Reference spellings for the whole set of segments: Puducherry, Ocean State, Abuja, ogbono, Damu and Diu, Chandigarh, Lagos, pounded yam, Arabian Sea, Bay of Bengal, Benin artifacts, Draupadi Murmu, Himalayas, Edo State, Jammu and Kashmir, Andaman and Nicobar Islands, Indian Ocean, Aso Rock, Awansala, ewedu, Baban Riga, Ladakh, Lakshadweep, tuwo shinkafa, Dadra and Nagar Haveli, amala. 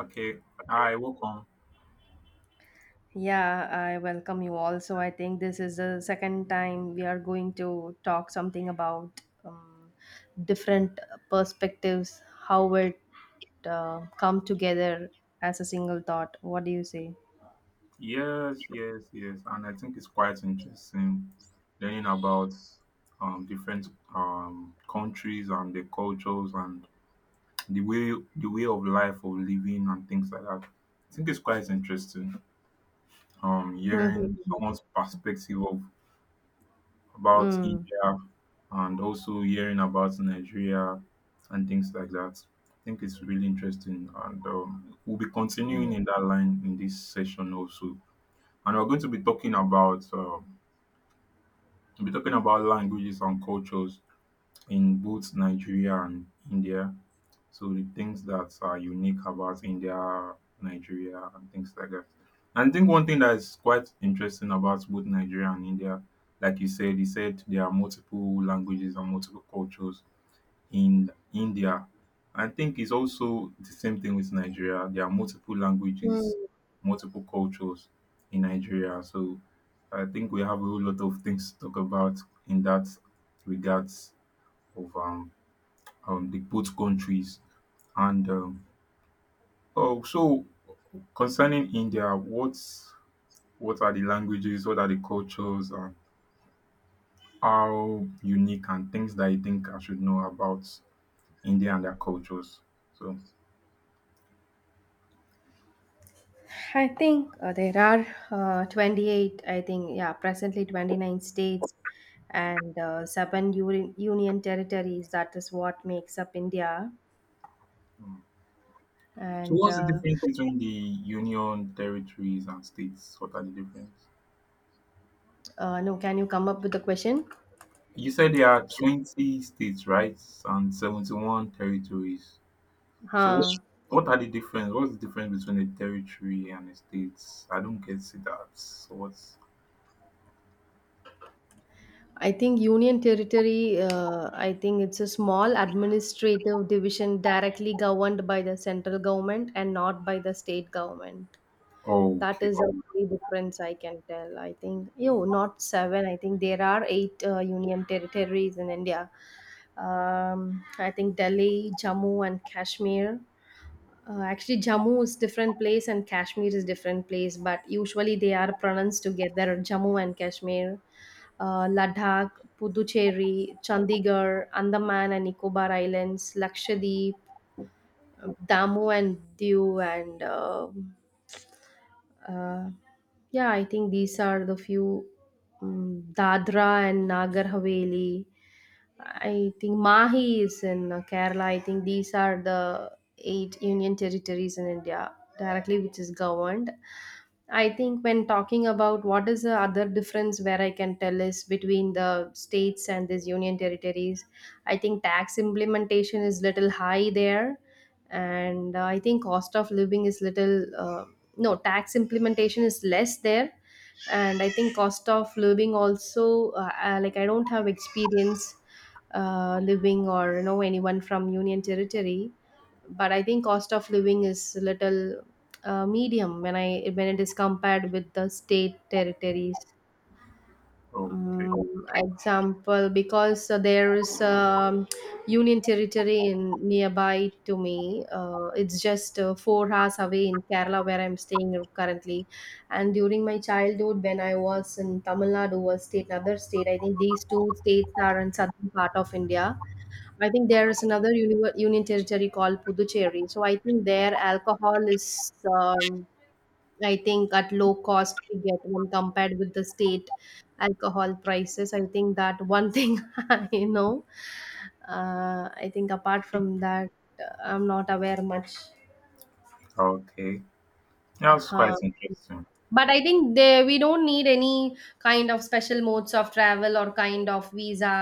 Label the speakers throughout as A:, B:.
A: Okay. Hi, welcome.
B: Yeah, I welcome you all. So I think this is the second time we are going to talk something about different perspectives, how it come together as a single thought. What do you say?
A: Yes, yes, yes. And I think it's quite interesting learning about different countries and the cultures and the way of life of living and things like that. I think it's quite interesting hearing
B: Mm-hmm.
A: someone's perspective of about
B: Mm.
A: India and also hearing about Nigeria and things like that. I think it's really interesting and we'll be continuing
B: Mm.
A: in that line in this session also. And we'll be talking about languages and cultures in both Nigeria and India. So the things that are unique about India, Nigeria, and things like that. And I think one thing that is quite interesting about both Nigeria and India, like you said there are multiple languages and multiple cultures in India. I think it's also the same thing with Nigeria. There are multiple
B: Mm.
A: languages, multiple cultures in Nigeria. So I think we have a whole lot of things to talk about in that regards of the both countries. And oh, so concerning India, what are the languages? What are the cultures? And how unique and things that you think I should know about India and their cultures? So.
B: I think there are 28, I think, yeah, presently 29 states and seven union territories. That is what makes up India.
A: um, So
B: And
A: what's the difference between the union territories and states? What are the difference?
B: No, can you come up with a question?
A: You said there are 20 states, right? And 71 territories. So what,
B: Huh.
A: what are the difference? What's the difference between a territory and a state? I don't get to that. So what's
B: I think Union Territory, I think it's a small administrative division directly governed by the central government and not by the state government. That
A: Okay.
B: is the only difference I can tell. I think, yo, not seven. I think there are 8 union territories in India. I think Delhi, Jammu, and Kashmir. Actually, Jammu is different place and Kashmir is different place, but usually they are pronounced together. Jammu and Kashmir, Ladakh, Puducherry, Chandigarh, Andaman and Nicobar Islands, Lakshadweep, Damu and Diu, and uh, yeah, I think these are the few Dadra and Nagar Haveli. I think Mahi is in Kerala. I think these are the 8 union territories in India directly, which is governed. I think when talking about what is the other difference where I can tell is between the states and these union territories, I think tax implementation is little high there, and I think cost of living is little. No tax implementation is less there, and I think cost of living also like I don't have experience living or you know anyone from union territory, but I think cost of living is a little medium when I when it is compared with the state territories.
A: Okay.
B: um, Example, because there is union territory in nearby to me, it's just 4 hours away in Kerala where I'm staying currently. And during my childhood when I was in Tamil Nadu or state another state, I think these two states are in southern part of India. I think there is another union territory called Puducherry. So I think their alcohol is um, I think at low cost we get when compared with the state alcohol prices. I think that one thing I know. I think apart from that, I'm not aware much.
A: Okay. That's quite
B: uh,
A: interesting.
B: but I think they we don't need any kind of special modes of travel or kind of visa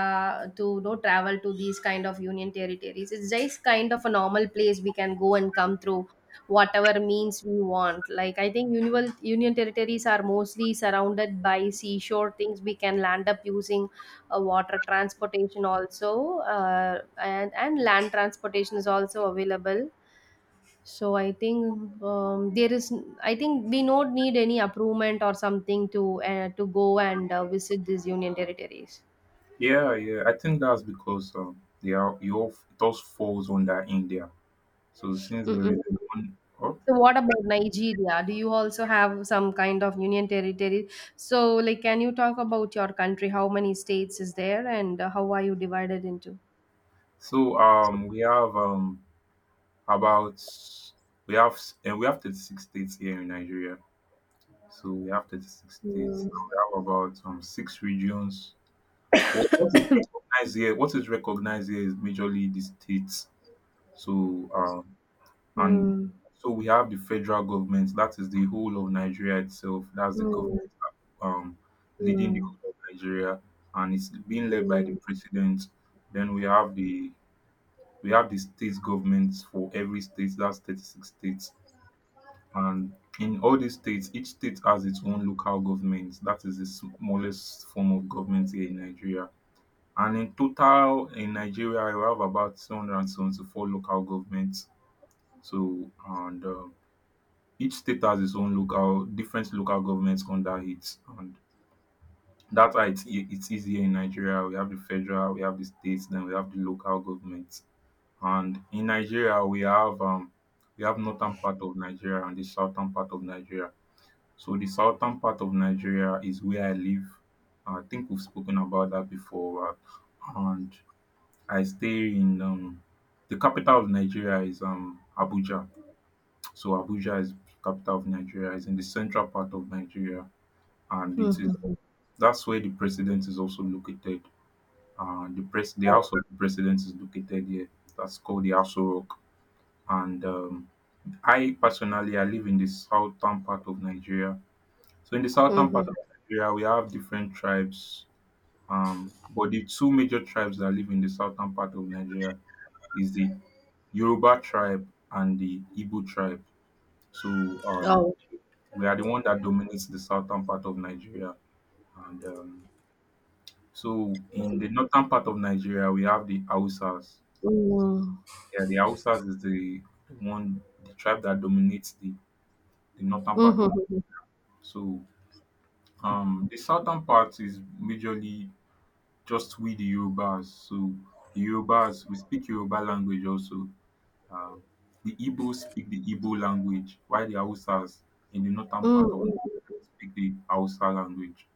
B: to, you know, travel to these kind of union territories. It's just kind of a normal place. We can go and come through whatever means we want. Like, I think union territories are mostly surrounded by seashore things. We can land up using water transportation also. And land transportation is also available. So I think there is. I think we don't need any approvement or something to go and visit these union territories.
A: Yeah, yeah. I think that's because they are you all it all falls under India. So since there
B: Mm-mm.
A: is one oh,
B: So what about Nigeria? Do you also have some kind of union territory? So, like, can you talk about your country? How many states is there, and how are you divided into?
A: so we have about we have s- eh, we have 36 states here in Nigeria. So we have 36 states.
B: Mm.
A: We have about six regions. What is recognized here? What is recognized here is majorly the states. So um and
B: Mm.
A: so we have the federal government. That is the whole of Nigeria itself. That's the government
B: Mm.
A: um leading the
B: Mm.
A: whole of Nigeria, and it's being led by the president. Then we have the state governments for every state. That's 36 states, and in all dis states each state has its own local government. That is the smallest form of government here in Nigeria, and in total in Nigeria we have about 274 local governments. So and each state has its own local different local governments under it, and dats how it is easier in Nigeria. We have the federal, we have the states, then we have the local government. And in Nigeria we have northern part of Nigeria and the southern part of Nigeria. So the southern part of Nigeria is where I live. I think we've spoken about that before. And I stay in the capital of Nigeria is Abuja. So Abuja is capital of Nigeria, is in the central part of Nigeria, and it is,
B: Mm. Mm.
A: that's where the president is also located. The house
B: Oh.
A: of the president is located here. That's called the Aso Rock. And I personally, I live in the southern part of Nigeria. So in the southern part
B: Mm-hmm.
A: of Nigeria, we have different tribes. But the two major tribes that live in the southern part of Nigeria is the Yoruba tribe and the Igbo tribe. So
B: Oh.
A: we are the one that dominates the southern part of Nigeria. And so in the northern part of Nigeria, we have the Hausas.
B: Mm.
A: Yeah, the Hausas is the one, the tribe that dominates the, northern part of.
B: Mm-hmm.
A: So the southern part is majorly just we the Yorubas. So the Yorubas, we speak Yoruba language also. Um, the Igbos speak the Igbo language, while the Hausas in the northern part of
B: Mm-hmm.
A: Nigeria speak the Hausa language.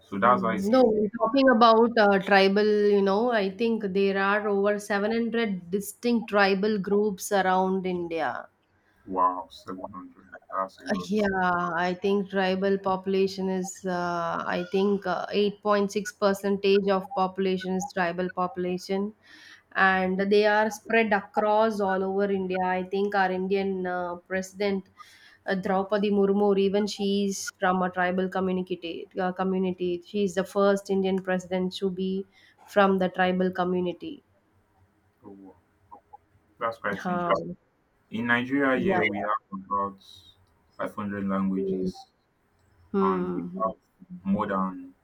A: So that's why
B: Mm.
A: it
B: No,
A: says,
B: when talking about tribal, you know, I think there are over 700 distinct tribal groups around India.
A: wow, 700. That's a lot.
B: Yeah, I think tribal population is, I think 8.6 percentage of population is tribal population. And they are spread across all over India. I think our Indian president, Draupadi Murmu, even she is from a tribal community. She is the first Indian president to be from the tribal community.
A: Oh, wow. That's quite interesting.
B: Um,
A: In Nigeria,
B: yeah.
A: yeah, we have about 500
B: Hmm.
A: languages and we
B: Hmm.
A: have more than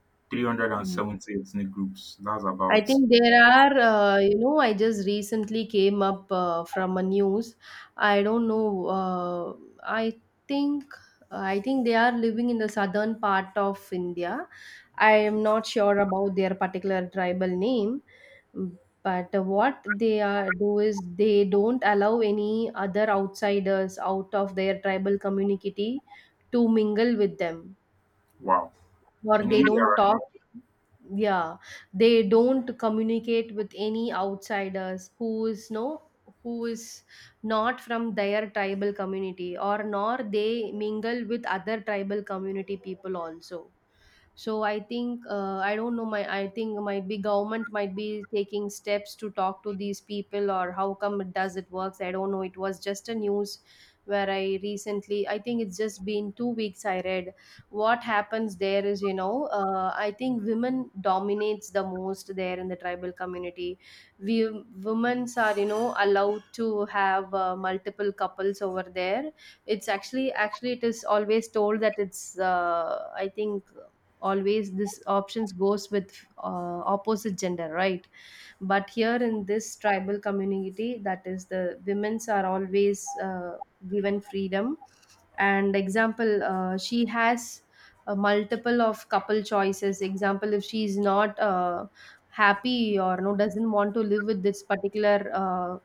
B: Hmm.
A: 370 ethnic groups. That's
B: I
A: about,
B: think there are, you know, I just recently came up from a news. I don't know. I think I think they are living in the southern part of India. I am not sure about their particular tribal name, but what they are do is they don't allow any other outsiders out of their tribal community to mingle with them,
A: wow.
B: or
A: In
B: they
A: India,
B: don't talk, yeah, they don't communicate with any outsiders who is no, who is not from their tribal community, or nor they mingle with other tribal community people also. So I think, I don't know, my I think might be government might be taking steps to talk to these people, or how come it does it works, I don't know. It was just a news where I recently, I think it's just been 2 weeks, I read. What happens there is, you know, I think women dominates the most there in the tribal community. We Women are, you know, allowed to have multiple couples over there. It's actually it is always told that it's, I think, always this options goes with opposite gender, right? But here in this tribal community, that is, the women's are always given freedom. And example, she has a multiple of couple choices. Example, if she's not happy or no, doesn't want to live with this particular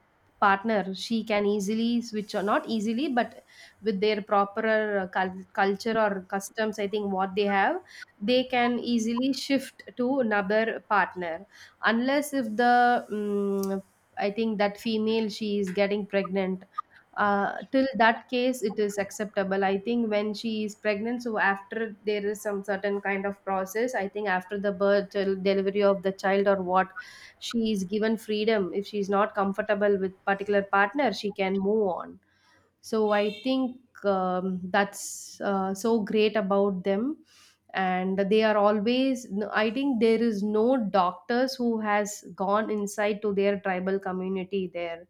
B: partner, she can easily switch, or not easily, but with their proper culture or customs, I think what they have, they can easily shift to another partner. Unless if the I think that female she is getting pregnant, till that case it is acceptable. I think when she is pregnant, so after there is some certain kind of process, I think after the birth till delivery of the child or what, she is given freedom. If she is not comfortable with particular partner, she can move on. So I think that's so great about them. And they are always I think there is no doctors who has gone inside to their tribal community there.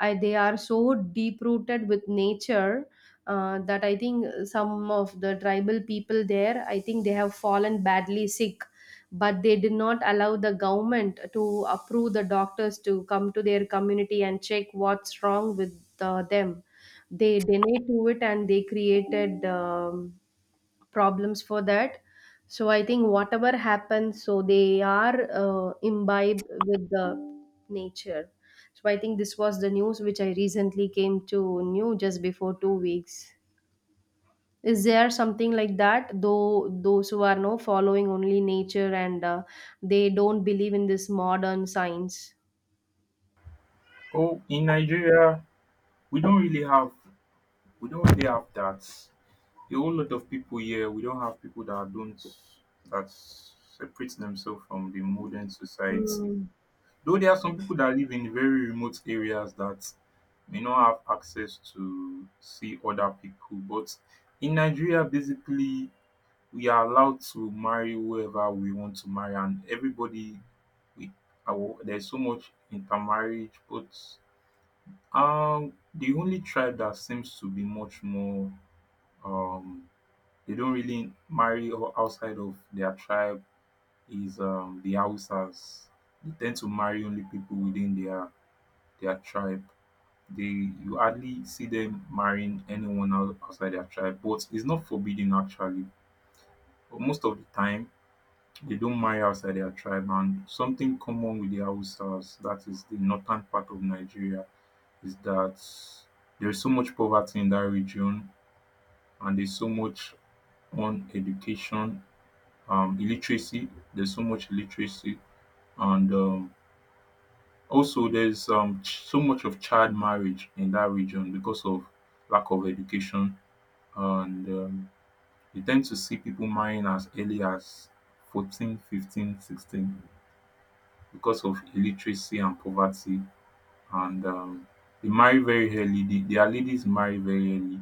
B: They are so deep rooted with nature. That, I think, some of the tribal people there, I think they have fallen badly sick, but they did not allow the government to approve the doctors to come to their community and check what's wrong with them. They deny to it, and they created problems for that. So I think whatever happens, so they are imbibed with the nature. So I think this was the news which I recently came to knew just before 2 weeks. Is there something like that, though, those who are no following only nature, and they don't believe in this modern science?
A: Oh, in Nigeria, we don't really have we don't really have that. A whole lot of people here, we don't have people that don't that separate themselves from the modern society.
B: Hmm.
A: Though there are some people that live in very remote areas that may not have access to see other people. But in Nigeria, basically, we are allowed to marry whoever we want to marry, and everybody we there's so much intermarriage, but the only tribe that seems to be much more um they don't really marry outside of their tribe is the Hausas. They tend to marry only people within their tribe. They you hardly see them marrying anyone outside their tribe, but it's not forbidden actually. But most of the time they don't marry outside their tribe, and something common with the Hausas, that is the northern part of Nigeria, is that there's so much poverty in that region and there's so much on education, illiteracy. There's so much illiteracy, and also there's so much of child marriage in that region because of lack of education, and you tend to see people marrying as early as 14, 15, 16 because of illiteracy and poverty, and they marry very early. Their ladies marry very early,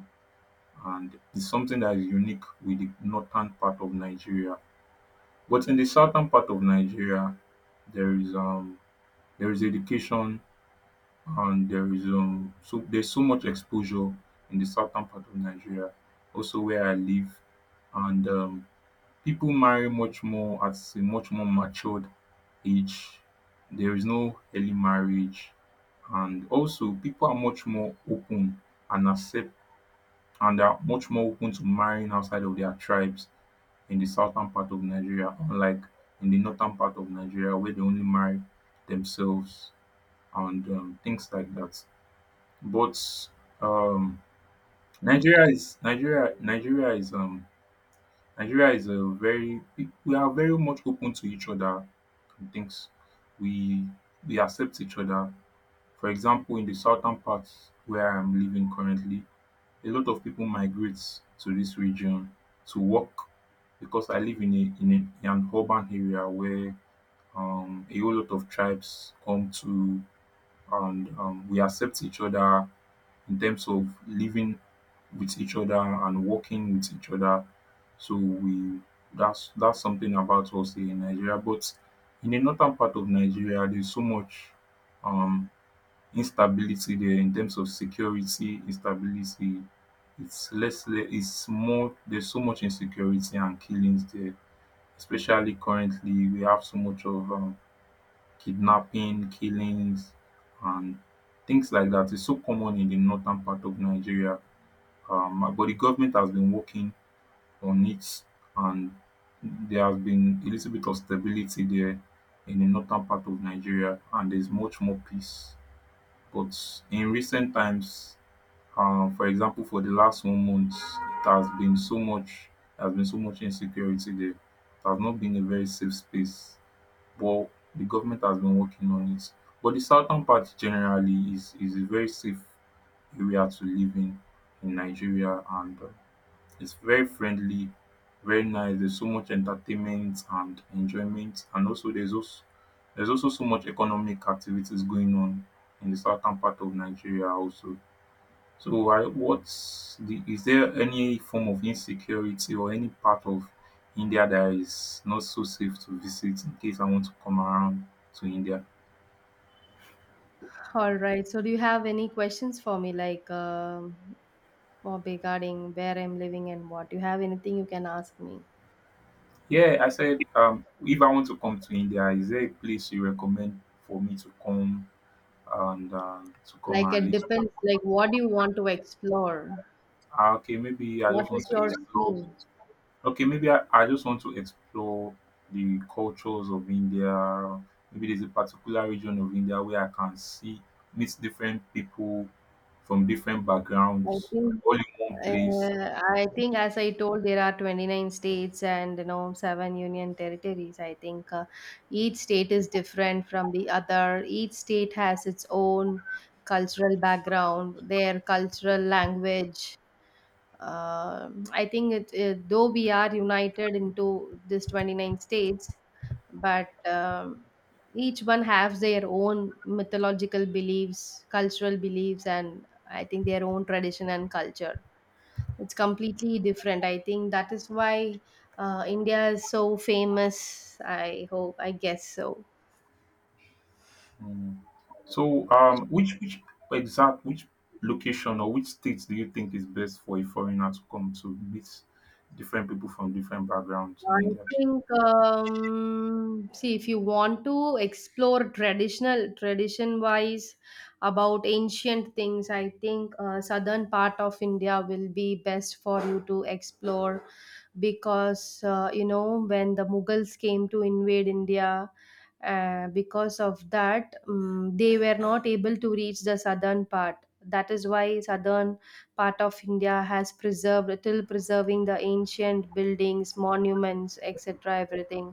A: and it's something that is unique with the northern part of Nigeria. But in the southern part of Nigeria, there is education, and there is so there's so much exposure in the southern part of Nigeria, also where I live, and people marry much more at a much more matured age. There is no early marriage, and also people are much more open and accept and are much more open to marrying outside of their tribes in the southern part of Nigeria, unlike in the northern part of Nigeria where they only marry themselves and tins like that. But um nigeria is nigeria nigeria is um Nigeria is a very, we are very much open to each other, and things. we we accept each other. For example, in the southern part where I am living currently, a lot of people migrate to this region to work because I live in an urban area where. A whole lot of tribes come to, and we accept each other in terms of living with each other and working with each other. So we that's something about us here in Nigeria. But in the northern part of Nigeria, there's so much um, instability there in terms of security, instability. It's less. It's more. There's so much insecurity and killings there, especially currently. We have so much of kidnapping killings and things like that is so common in the northern part of Nigeria. But the government has been working on it, and there has been a little bit of stability there in the northern part of Nigeria, and there's much more peace. But in recent times, for example, for the last 1 month it has been so much. There has been so much insecurity there. It has not been a very safe space war. The government has been working on it, but the southern part generally is a very safe area to live in Nigeria, and it's very friendly, very nice. There's so much entertainment and enjoyment, and also there's also so much economic activities going on in the southern part of Nigeria also. So I what's the is there any form of insecurity or any part of India that is not so safe to visit in case I want to come around to India?
B: All right. So, do you have any questions for me? Like, or regarding where I'm living and what. You have anything you can ask me.
A: Yeah, I said if I want to come to India, is there a place you recommend for me to come and
B: Like, it
A: live?
B: depends, like, what do you want to explore?
A: Ah, okay, maybe I
B: What
A: just want
B: is
A: to
B: your
A: explore.
B: dream?
A: Okay, maybe I just want to explore the cultures of India. Maybe there's a particular region of India where I can see, meet different people from different
B: I
A: backgrounds
B: think
A: all in one place.
B: I think, as I told, there are 29 states and, you know, seven union territories. I think each state is different from the other. Each state has its own cultural background, their cultural language. I think it, though we are united into this 29 states, but each one has their own mythological beliefs, cultural beliefs, and I think their own tradition and culture. It's completely different. I think that is why India is so famous. I hope, I guess so.
A: Mm. So, which location or which states do you think is best for a foreigner to come to meet different people from different backgrounds in
B: I
A: India?
B: think, see, if you want to explore traditional, tradition wise, about ancient things, I think southern part of India will be best for you to explore because, you know, when the Mughals came to invade India, because of that, they were not able to reach the southern part. That is why southern part of India has preserved till preserving the ancient buildings, monuments, etc. Everything.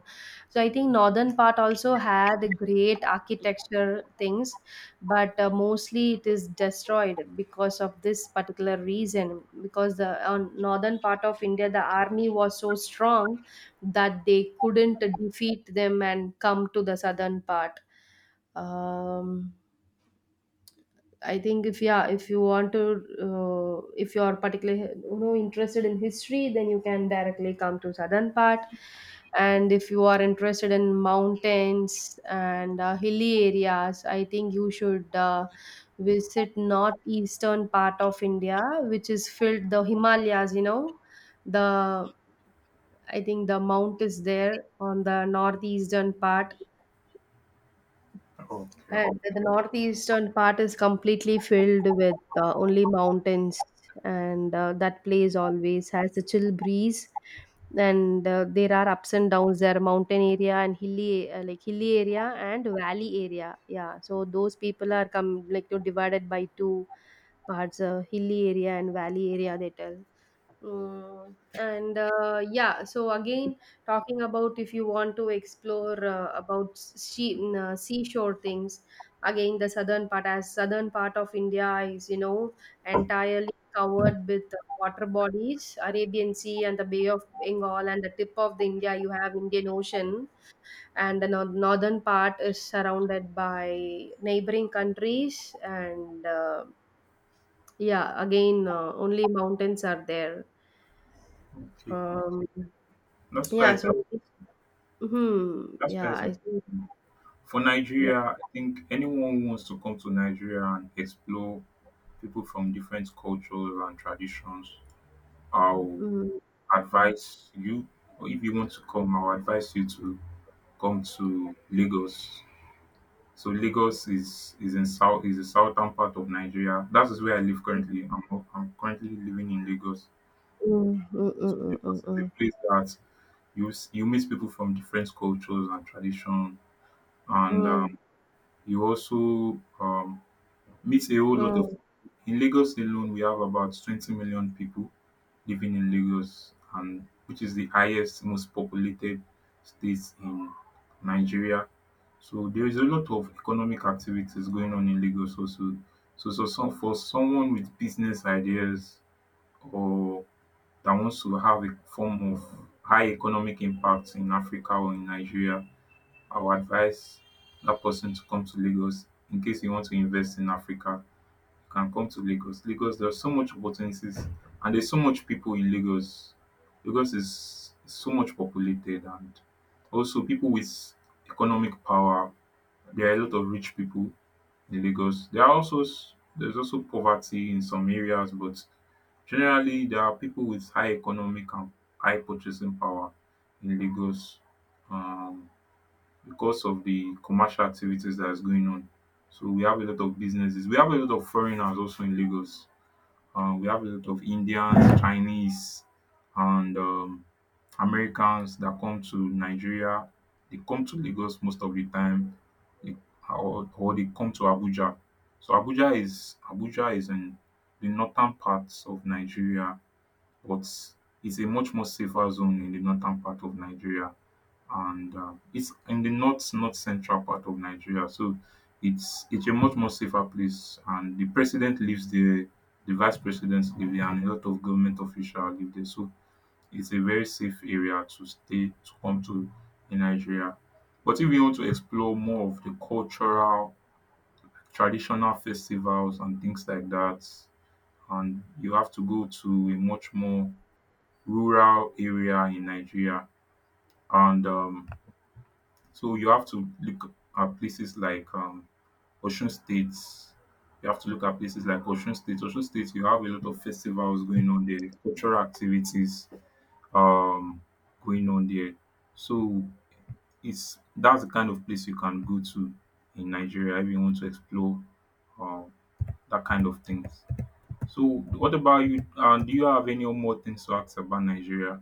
B: So I think northern part also had great architecture things, but mostly it is destroyed because of this particular reason. Because the on northern part of India, the army was so strong that they couldn't defeat them and come to the southern part. Um, I think if, yeah, if you want to, if you are particularly, you know, interested in history, then you can directly come to southern part. And if you are interested in mountains and hilly areas, I think you should visit northeastern part of India, which is filled the Himalayas. You know, the I think the mount is there on the northeastern part,
A: Okay,
B: and the northeastern part is completely filled with only mountains, and that place always has a chill breeze. And there are ups and downs. There are mountain area and hilly, like hilly area and valley area. Yeah, so those people are come, like, you know, divided by two parts, hilly area and valley area. They tell. Mm, and yeah, so again, talking about if you want to explore about sea, seashore things, again the southern part, as southern part of India is, you know, entirely covered with water bodies, Arabian Sea and the Bay of Bengal, and the tip of the India you have Indian Ocean, and the northern part is surrounded by neighboring countries, and yeah, again only mountains are there.
A: okay,
B: Um,
A: that's
B: Yeah,
A: quite
B: so mhm,
A: that's quite
B: yeah,
A: interesting.
B: I think
A: For
B: yeah,
A: Nigeria, I think anyone who wants to come to Nigeria and explore people from different cultures and traditions, I'll
B: mhm, mhm,
A: advise you, or if you want to come, I'll advise you to come to Lagos. So Lagos is the southern part of Nigeria. That is where I live
B: mhm,
A: currently. I'm currently living in Lagos.
B: mm, mm,
A: So
B: mm, mm,
A: Lagos
B: mm,
A: is a place that you meet people from different cultures and tradition, and
B: mm,
A: you also meets a whole lot of
B: mm.
A: in Lagos alone we have about 20 million people living in Lagos and which is the highest most populated state in Nigeria. So there is a lot of economic activities going on in Lagos also. So for someone with business ideas or that wants to have a form of high economic impact in Africa or in Nigeria, I would advise that person to come to Lagos in case you want to invest in Africa can come to Lagos. Lagos there are so much opportunities and there's so much people in lagos. Lagos is so much populated and also people with economic power. There are a lot of rich people in lagos. There are also there's also poverty in some areas, but generally there are people with high economic and high purchasing power in lagos, um because of the commercial activities that is going on. So we have a lot of businesses. We have a lot of foreigners also in lagos. We have a lot of Indians, Chinese, and Americans that come to Nigeria. They come to Lagos most of the time, they- or they come to Abuja. So Abuja is in the northern parts of Nigeria, but it's a much more safer zone in the northern part of Nigeria, and it's in the north central part of nigeria. So it's a much more safer place. And the president lives there, the vice president live there, and a lot of government officials live there. So it's a very safe area to stay to come to in nigeria. But if you want to explore more of the cultural traditional festivals and things like that, and you have to go to a much more rural area in nigeria, and so you have to look at places like Ocean State. You have to look at places like Ocean State. Ocean State, you have a lot of festivals going on there, cultural activities um, going on there. So it's that's the kind of place you can go to in Nigeria if you want to explore um, that kind of things. So what about you? Do you have any more things to ask about Nigeria?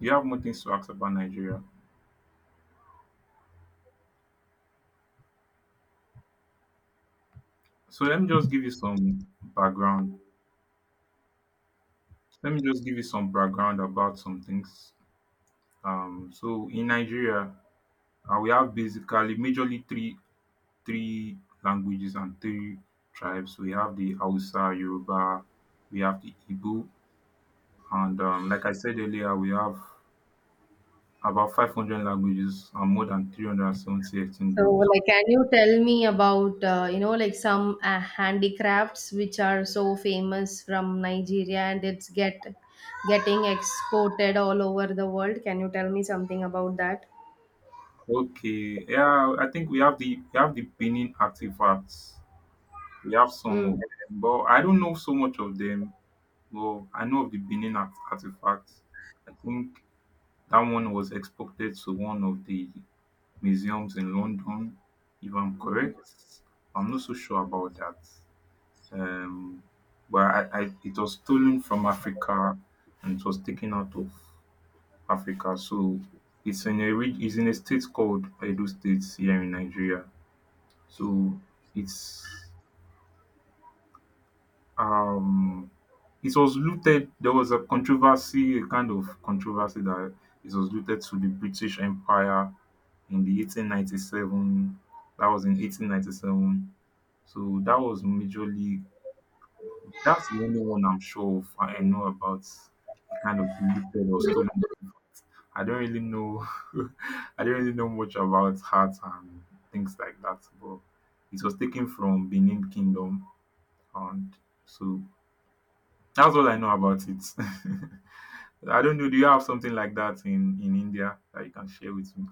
A: Do you have more things to ask about Nigeria? So let me just give you some background. Let me just give you some background about some things. So in Nigeria, we have basically majorly three languages and three tribes. We have the Hausa, Yoruba, we have the Igbo, and like I said earlier, we have about 500 languages and more than 370 ethnic
B: So,
A: groups.
B: like, can you tell me about, you know, like, some handicrafts which are so famous from Nigeria and it's getting exported all over the world? Can you tell me something about that?
A: Okay, yeah, I think we have the Benin artifacts. We have some of
B: Mm.
A: them, but I don't know so much of them. Well, I know of the Benin artifact. I think that one was exported to one of the museums in London, if I'm correct. I'm not so sure about that. Um, but it was stolen from Africa and it was taken out of Africa. So it's in a it's in a state called Edo State here in Nigeria. So it's um it was looted. There was a controversy, a kind of controversy, that it was looted to the british empire in the 1897. That was in 1897. So that was majorly that's the only one I'm sure of I know about, the kind of looted or stolen. I don't really know I don't really know much about hearts and things like that, but it was taken from benin kingdom, and so that's all I know about it. I don't know. Do you have something like that in India that you can share with me?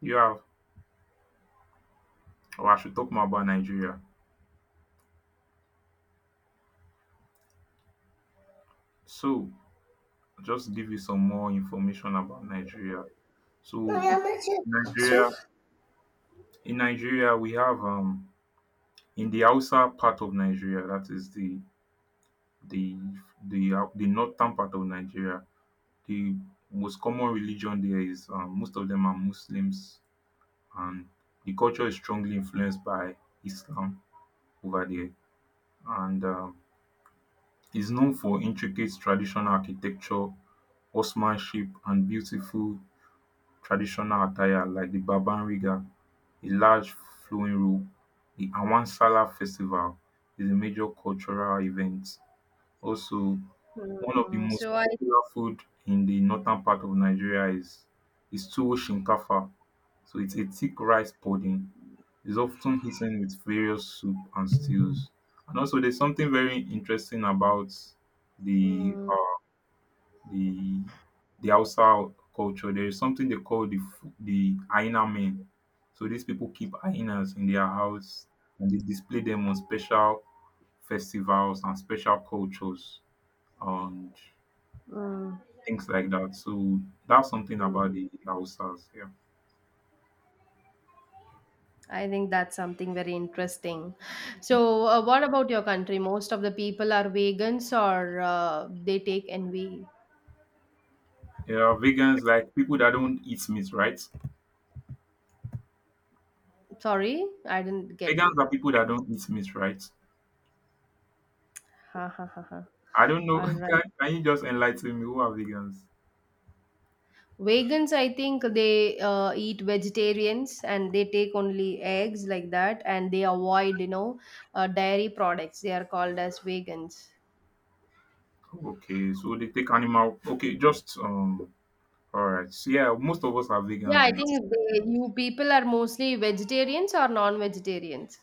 A: You have, or I should talk more about Nigeria. So, just give you some more information about Nigeria. So, Nigeria, in Nigeria, we have in the Hausa part of Nigeria, that is the the northern part of Nigeria. The most common religion there is most of them are Muslims, and the culture is strongly influenced by Islam over there, and is known for intricate traditional architecture, horsemanship, and beautiful traditional attire like the Baban Riga, a large flowing robe. The Awansala festival is a major cultural event. Also, one of the
B: Mm,
A: most
B: so I.
A: popular food in the northern part of Nigeria is tuwo shinkafa. So it's a thick rice pudding is often eaten with various soup and stews. And also, there's something very interesting about the
B: Mm,
A: the the Hausa culture. There is something they call the hyena men. So these people keep hyenas in their house and they display them on special festivals and special cultures and
B: mm,
A: things like that. So that's something
B: mm.
A: about the Hausas. Yeah.
B: I think that's something very interesting. So, what about your country? Most of the people are vegans, or they take NV.
A: Yeah, vegans like people that don't eat meat, right?
B: Sorry, I didn't get
A: Vegans are
B: you.
A: people that don't eat meat, right?
B: Ha ha ha ha.
A: I don't know.
B: All right.
A: Can you just enlighten me? Who are vegans?
B: Vegans, I think they eat vegetarians, and they take only eggs like that, and they avoid, you know, dairy products. They are called as vegans.
A: Okay, so they take animal. Okay, just. All right. So yeah, most of us are
B: Yeah,
A: vegans,
B: I
A: and
B: think they, you people are mostly vegetarians or non-vegetarians.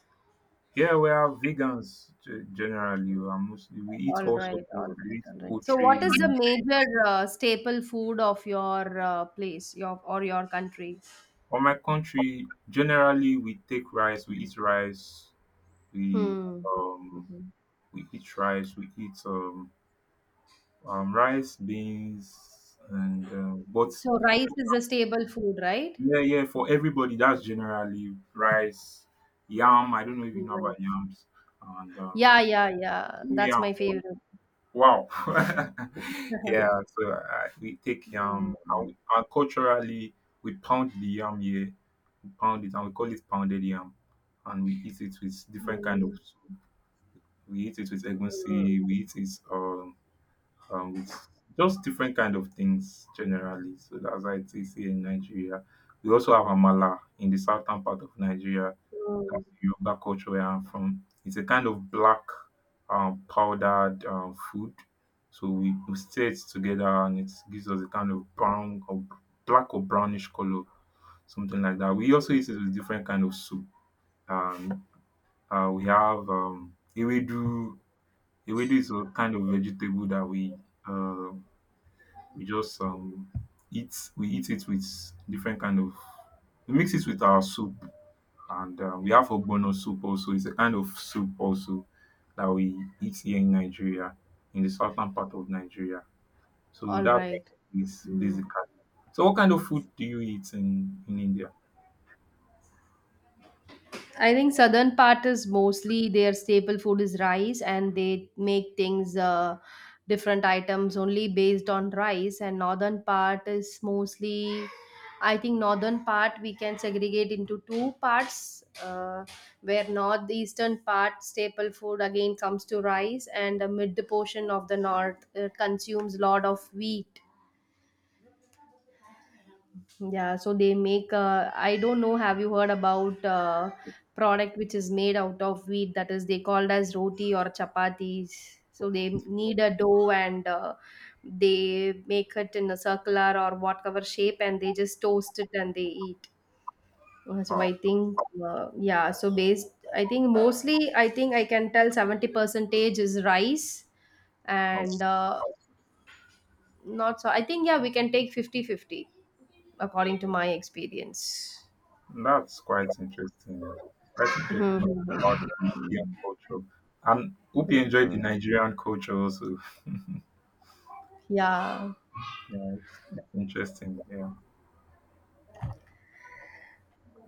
A: yeah, we are vegans generally. We are mostly we eat
B: All
A: all
B: right,
A: sorts of
B: all
A: we
B: right,
A: eat
B: all right. So,
A: poultry.
B: what is the major staple food of your place, your or your country?
A: On my country, generally we take rice. We eat rice. We
B: Hmm.
A: um
B: Mhm.
A: we eat rice beans and, but
B: So, rice is the staple food, right?
A: Yeah, yeah, for everybody, that's generally rice, yam. I don't know if you know about
B: Right.
A: yams. And
B: Yeah, yeah, yeah. That's
A: yam,
B: my favorite.
A: wow. yeah, so we take yam.
B: Mm,
A: And culturally, we pound the yam here. We pound it and we call it pounded yam. And we eat it with different kind of
B: mm,
A: soup. We eat it with
B: mm,
A: egusi. We eat it. With just different kind of things generally. So that's why it is here in Nigeria. We also have amala in the southern part of Nigeria. That's
B: mm.
A: the Yoruba culture where I'm from. It's a kind of black powdered food. So we stir it together and it gives us a kind of brown or black or brownish color, something like that. We also eat it with different kind of soup. Um, we have ewedu. Ewedu is a kind of vegetable that uh, we just eat we eat it with different kind of we mix it with our soup, and we have ogbono soup also. It's a kind of soup also that we eat here in nigeria, in the southern part of nigeria. So
B: All
A: that's what
B: right.
A: it is
B: Mm.
A: basically. So what kind of food do you eat in india?
B: I think southern part is mostly their staple food is rice, and they make things different items only based on rice. And northern part is mostly, I think northern part we can segregate into two parts, where northeastern part staple food again comes to rice, and the mid portion of the north consumes lot of wheat. Yeah, so they make. I don't know. Have you heard about product which is made out of wheat? That is, they called as roti or chapatis. So they need a dough, and they make it in a circular or whatever shape, and they just toast it and they eat. Uh, So
A: Wow.
B: I think, yeah. I think mostly, I think I can tell 70 percentage is rice,
A: Wow.
B: and not so. I think, yeah, we can take 50 50 according to my experience.
A: That's quite interesting, quite
B: Mhm,
A: interesting
B: mhm.
A: about the indian culture, and hope you enjoyed the nigerian culture also. Yeah,
B: Yeah,
A: it's interesting. Yeah.